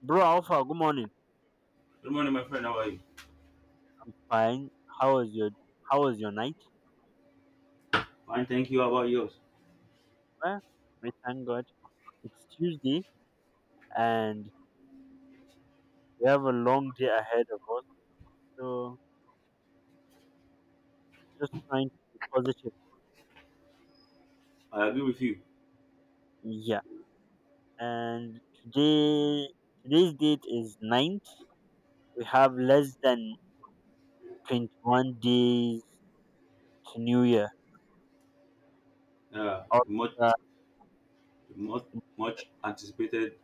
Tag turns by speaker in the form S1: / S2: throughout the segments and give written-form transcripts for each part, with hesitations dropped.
S1: Bro Alpha, good morning.
S2: Good morning, my friend. How are you?
S1: Fine. How was your how was your night?
S2: Fine, thank you. How about yours?
S1: Well, we thank God. Tuesday, and we have a long day ahead of us. So be positive,
S2: I agree with you.
S1: yeah. And today's date is ninth. We have less than one days to New Year.
S2: Much, much, much anticipated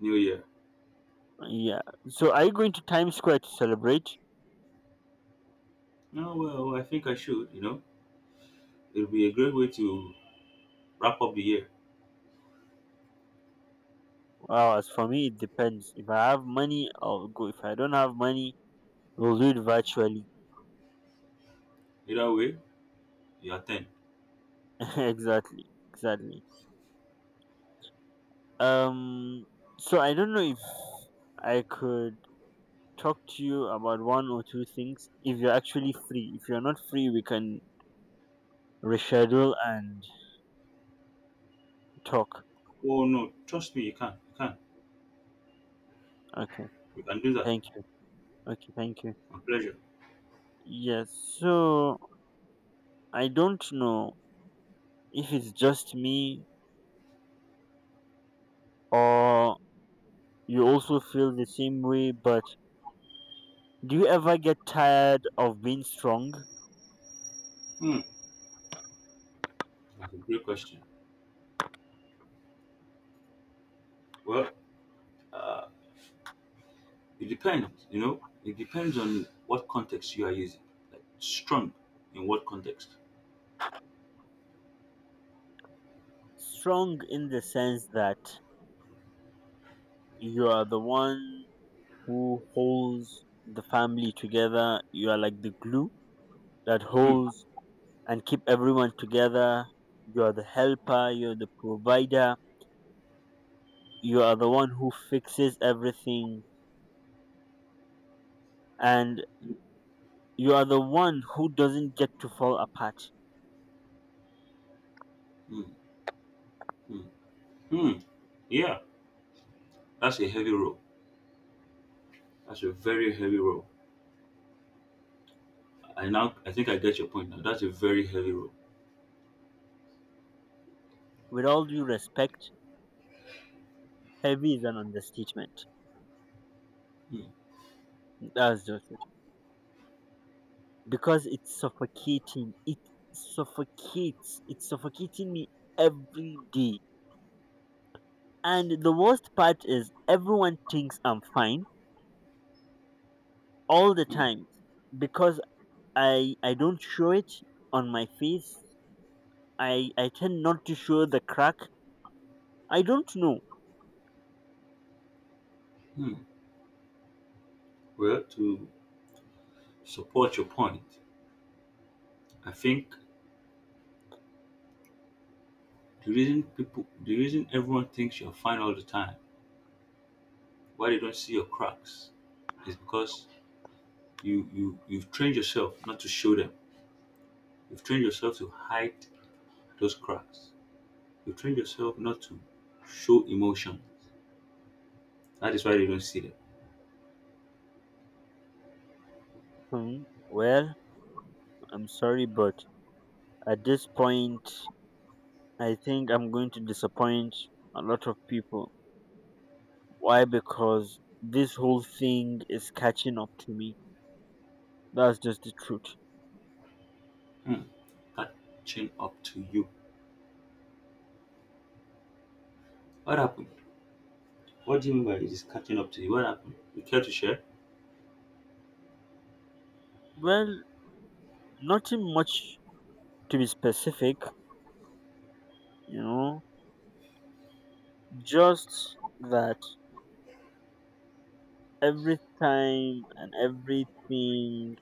S2: New Year.
S1: Yeah. So are you going to Times Square to celebrate?
S2: No, well, I think I should. It'll be a great way to wrap up the year.
S1: Well, as for me, it depends. If I have money, I'll go. If I don't have money, we'll do it virtually.
S2: Either way, you attend.
S1: Exactly, exactly. Um, so I don't know if I could talk to you about one or two things if you're actually free. If you're not free, we can reschedule and talk.
S2: Oh no, trust me, you can, we can do that.
S1: Okay, thank you.
S2: My pleasure.
S1: Yes, so I don't know if it's just me or you also feel the same way, but do you ever get tired of being strong?
S2: Hmm, that's a great question. Well, uh, it depends. It depends on what context you are using. Like strong in what context?
S1: Strong in the sense that you are the one who holds the family together, you are like the glue that
S2: Hmm,
S1: holds keep everyone together. You are the helper, you're the provider, you are the one who fixes everything, and you are the one who doesn't get to fall apart.
S2: hmm, hmm, hmm. Yeah. That's a heavy role. That's a very heavy role. I Now I think I get your point now. That's a very heavy role.
S1: With all due respect, heavy is an
S2: Hmm,
S1: understanding because it's heat, heat hitting me every day. And the worst part is everyone thinks I'm fine all the
S2: hmm,
S1: time because I don't show it on my face. I tend not to show the crack. I don't know.
S2: hmm. Well, to support your point, I think the reason everyone thinks you're fine all the time, why they don't see your cracks, is because you've trained yourself not to show them. You've trained yourself to hide those cracks. You've trained yourself not to show emotion. That is why they don't see them.
S1: Well, sorry, but at this point, I think I'm going to disappoint a lot of people. Why? Because this whole thing is catching up to me. That's the,
S2: Hmm. Catching up to you. What happened? What do you mean by it is catching up to you? What happened? You care to share?
S1: well, nothing much to be specific, you know. Just every time and everything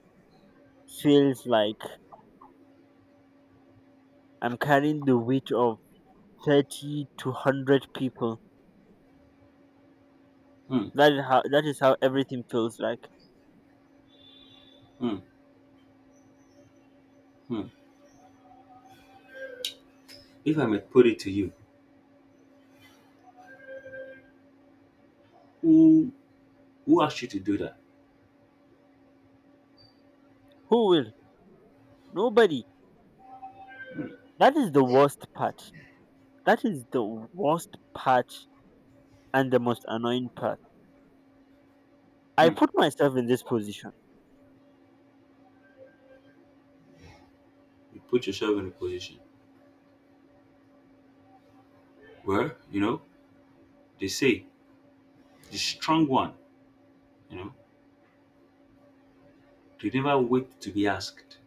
S1: feels like I'm carrying the weight of 30 to 100 people.
S2: Hmm.
S1: That is how everything feels like.
S2: Hmm. Hmm. If I may put it to you, who who asked you to do that?
S1: Who will? Nobody. That is the worst. That is the worst part and the most annoying. I
S2: Hmm.
S1: put myself in this position.
S2: You put yourself in a position where they say the strong one, you know, they never wait to be asked.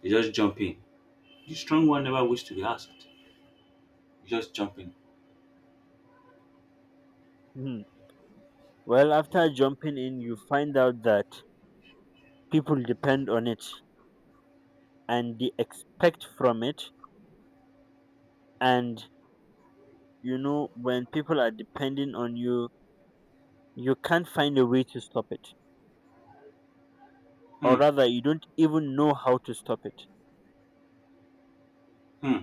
S2: They just jump in. The strong one never waits to be asked. You just jump in.
S1: Mhm. Well, after jumping in, you find out that people depend on it and they eat from it. And you know, when people are depending on you, you can't find a way to, or
S2: Hmm.
S1: rather, even know how to.
S2: Hmm.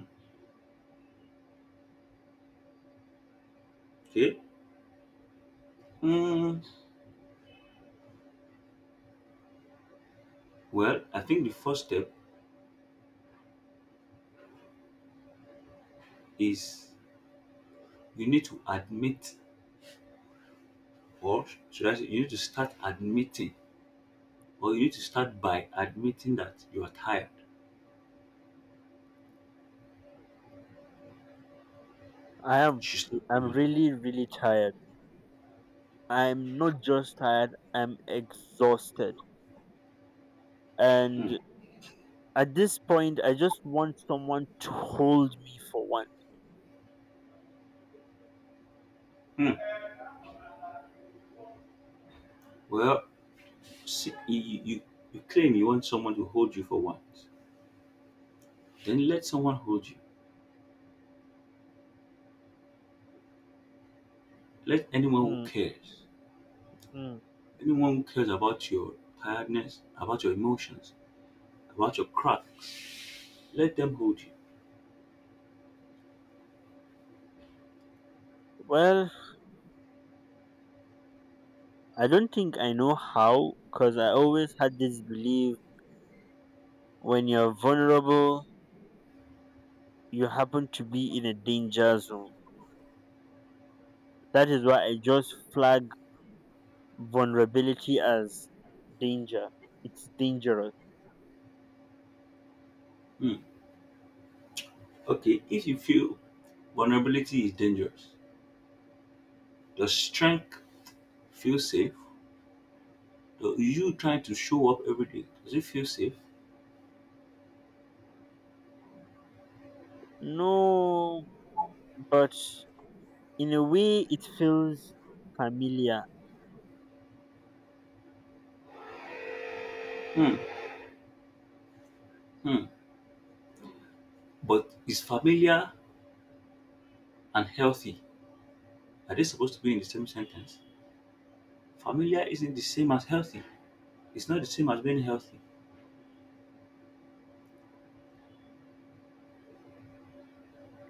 S2: Okay. Hmm. Well, I think the first step is you need to admit, or should I say, you need to start admitting. But you need to start by admitting that you are tired.
S1: I
S2: You
S1: am
S2: should stop doing that.
S1: tired. I'm not just tired, I'm exhausted. And at this point, I just someone to hold me for one.
S2: Hmm. Well, see, you claim you want someone to hold you for once. Then let someone hold you. Let anyone who cares about your tiredness, about your emotions, about your cracks, let them hold you.
S1: Well, I don't think I know how, because I always had this belief: when you're vulnerable, you happen to be in a danger zone. That is why I just flag vulnerability as danger, dangerous.
S2: Hmm. Okay, if you feel vulnerability is dangerous, does strength feel safe? Do you trying to show up every day, does it feel safe?
S1: No, but in a way, it feels familiar.
S2: Hmm. Hmm. But is familiar and healthy. Are they supposed to be in the same sentence? Familiar isn't the same as healthy. It's not the same as being healthy.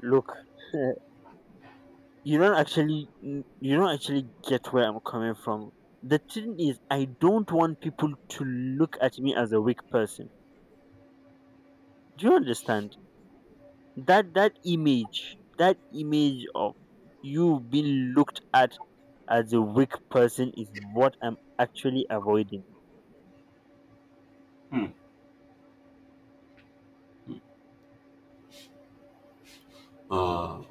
S1: Look, you don't actually get where I'm coming from. The thing is, I don't want people to look at me as a weak person. Do you understand that? That image of you being looked at as a weak person, what actually avoiding.
S2: Hmm. Uh,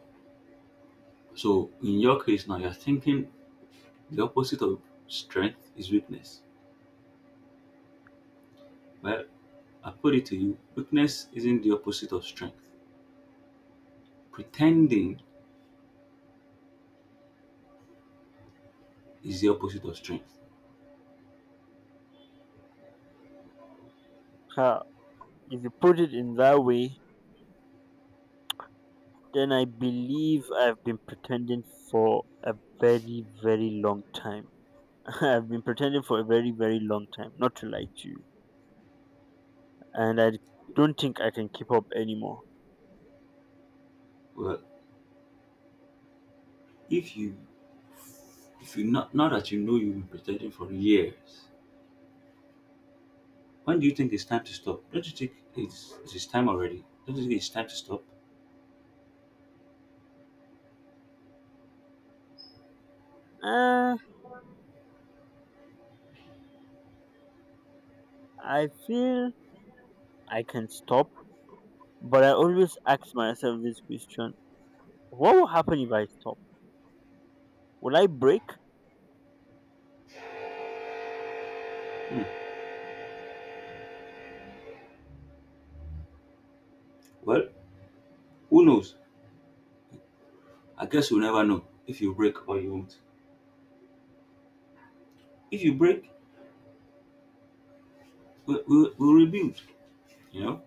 S2: so in your case now, you're thinking the opposite of strength is weakness. Well, I put it to you, weakness isn't the opposite of strength. Pretending is the opposite of strength.
S1: Ha, you put it in that way, then I believe I've been pretending for very, very long. I've been pretending for a very, very long time to like, and I don't think I can keep up anymore.
S2: Well, if you if you not now that you know you've been pretending for years, when do you think it's time to stop? Don't you think it's time already? Don't you think it's time to stop?
S1: Uh, I feel I can stop, but I always ask myself this: what will happen if I? Will I break?
S2: Hmm. Well, who knows? I guess you'll never know if you break or you won't. If you break, we'll rebuild. You know,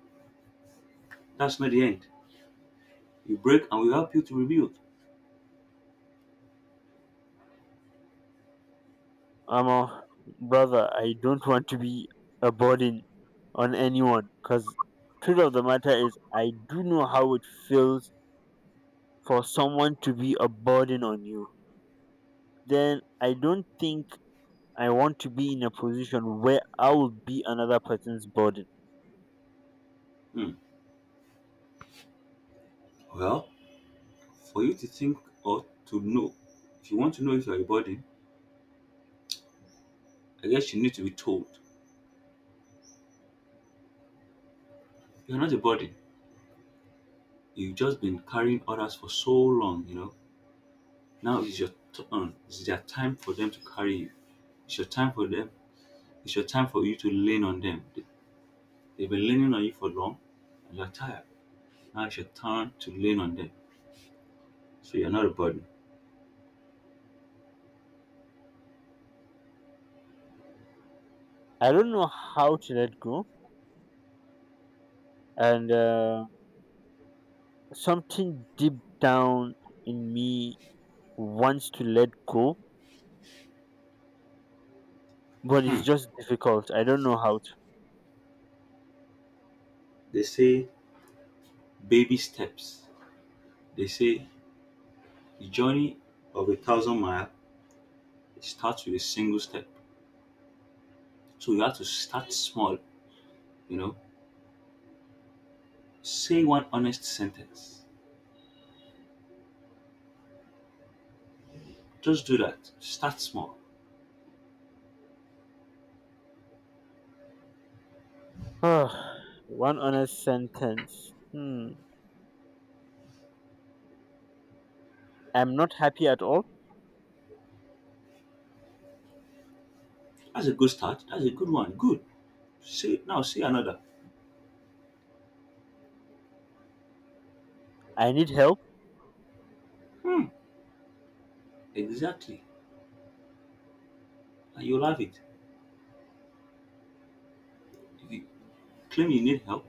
S2: that's not the end. You break and we'll help you to rebuild.
S1: I'm a brother. I don't want to be a burden on anyone. Because truth of the matter is, I do know how it feels for someone to be a burden on you. Then I don't think I want to be in a position where I will be another person's burden.
S2: Hmm. Well, for you to think or to know, if you want to know if you're a burden, I guess you need to be told. You're not a burden. You've just been carrying others for so long. Now it's your turn. It's their time for them to carry you. It's your time for them. It's your time for you to lean on them. They've been leaning on you for long and you're tired. I should turn to lean on them. So you're not a burden.
S1: I don't know how to let go, and something deep down in me wants to let go, but
S2: Hmm.
S1: it's just difficult. I don't know how
S2: They say baby steps. They say the journey of a thousand mile starts with a single step. So you have to start small, you know. Say one honest sentence. Just do that. Start small.
S1: to. One honest sentence. Hmm. I'm not happy at all.
S2: That's a good start. That's a good one. Good. Say now say another.
S1: I need help.
S2: Hmm. Exactly. And you'll have it. If you claim you need help,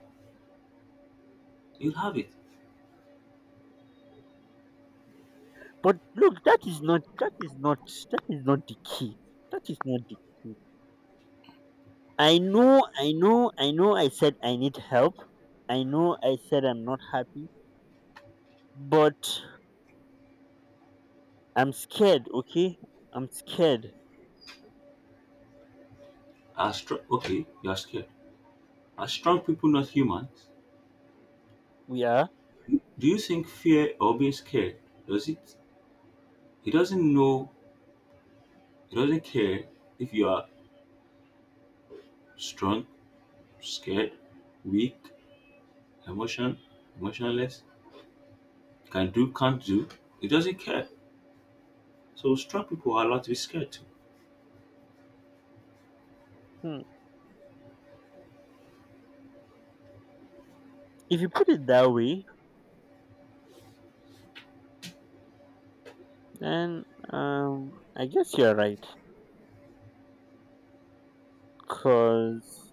S2: you'll have it.
S1: Look, that is not key. It is not deep. I know. I know. I know. I said help. I know. I said I'm not, but I'm scared, okay? Scared
S2: Okay, you are scared. Are strong people not humans?
S1: we are.
S2: Do you think fear or being scared does it? It doesn't know. It doesn't care if you are strong, scared, weak, emotion, emotionless, can do, can't do. It doesn't care. So strong people are allowed to be scared too.
S1: If you put it that way, then um I guess you're right. Cause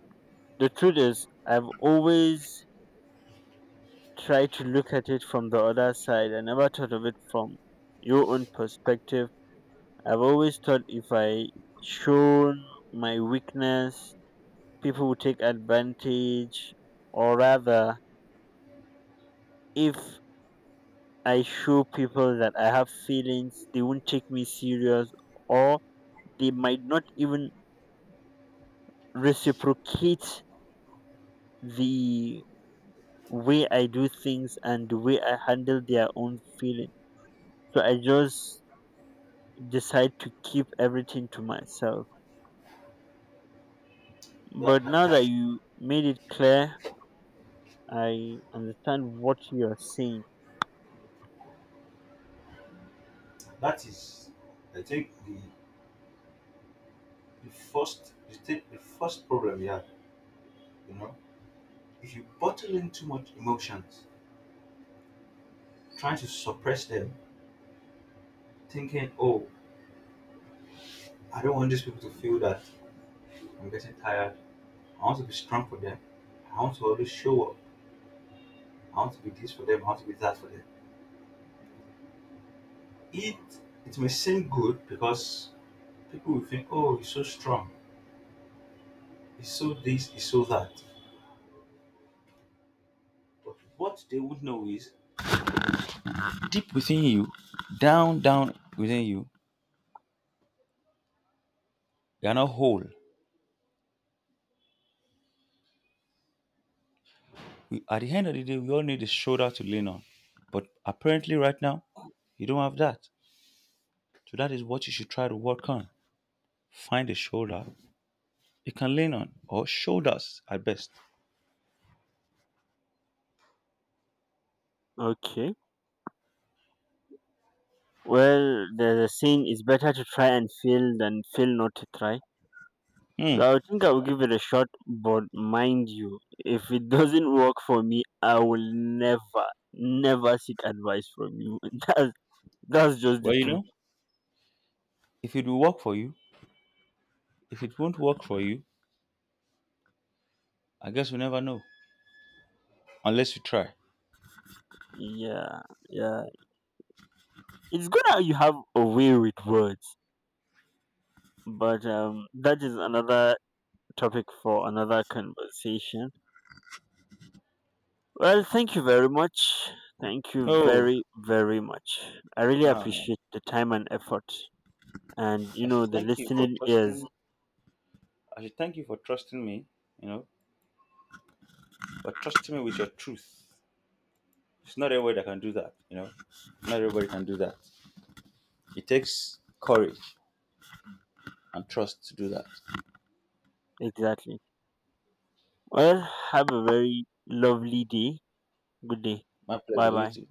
S1: the truth is, I've always tried to look at it from the other side. I never thought of it from your own perspective. I've always thought if I shown my weakness, people would take advantage, or rather, if I show people that I have feelings, they won't take me serious, or they might not even reciprocate the way I do things and the way I handle their own feeling. So I just decide to keep everything to myself. But
S2: That
S1: now that you made it clear, I understand what you're saying.
S2: that is, I think the first you take the first problem you have. You know, if you bottle in too much emotions, trying to suppress them, thinking, oh, I don't want these people to feel that I'm getting tired. I want to be strong for them. I want to always show up. I want to be this for them. I want to be that for them. It it may seem good because people will think, oh, he's so strong. He's so this. He's so that. But what they would know is deep within you, down, down within you, you are not whole. We, at the end of the day, we all need a shoulder to lean on. But apparently, right now, you don't have that. So that is what you should try to work on. Find a shoulder you can lean on, or shoulders at best.
S1: Okay. Well, there's a saying: it's better to try and fail than fail not to try.
S2: Hmm.
S1: So I think I will give it a shot, but mind you, if it doesn't work for me, I will never, never seek advice from you. That's that's just the
S2: Well, you
S1: truth.
S2: know. If it will work for you, if it won't work for you, I guess we never know unless you try.
S1: Yeah, yeah. It's good how you have a way with words, but that is another topic for another conversation. Well, thank you very much. Thank you
S2: Oh,
S1: very, very much. I really
S2: ah,
S1: appreciate the time and effort, and
S2: I
S1: you
S2: should
S1: know the
S2: thank you for trusting. I should thank you for trusting me. You know, but trusting me with your truth. It's not everybody that can do that. Not everybody can do that. It takes courage and trust to do that.
S1: exactly. Well, have a very lovely day. Good day.
S2: My pleasure. You too.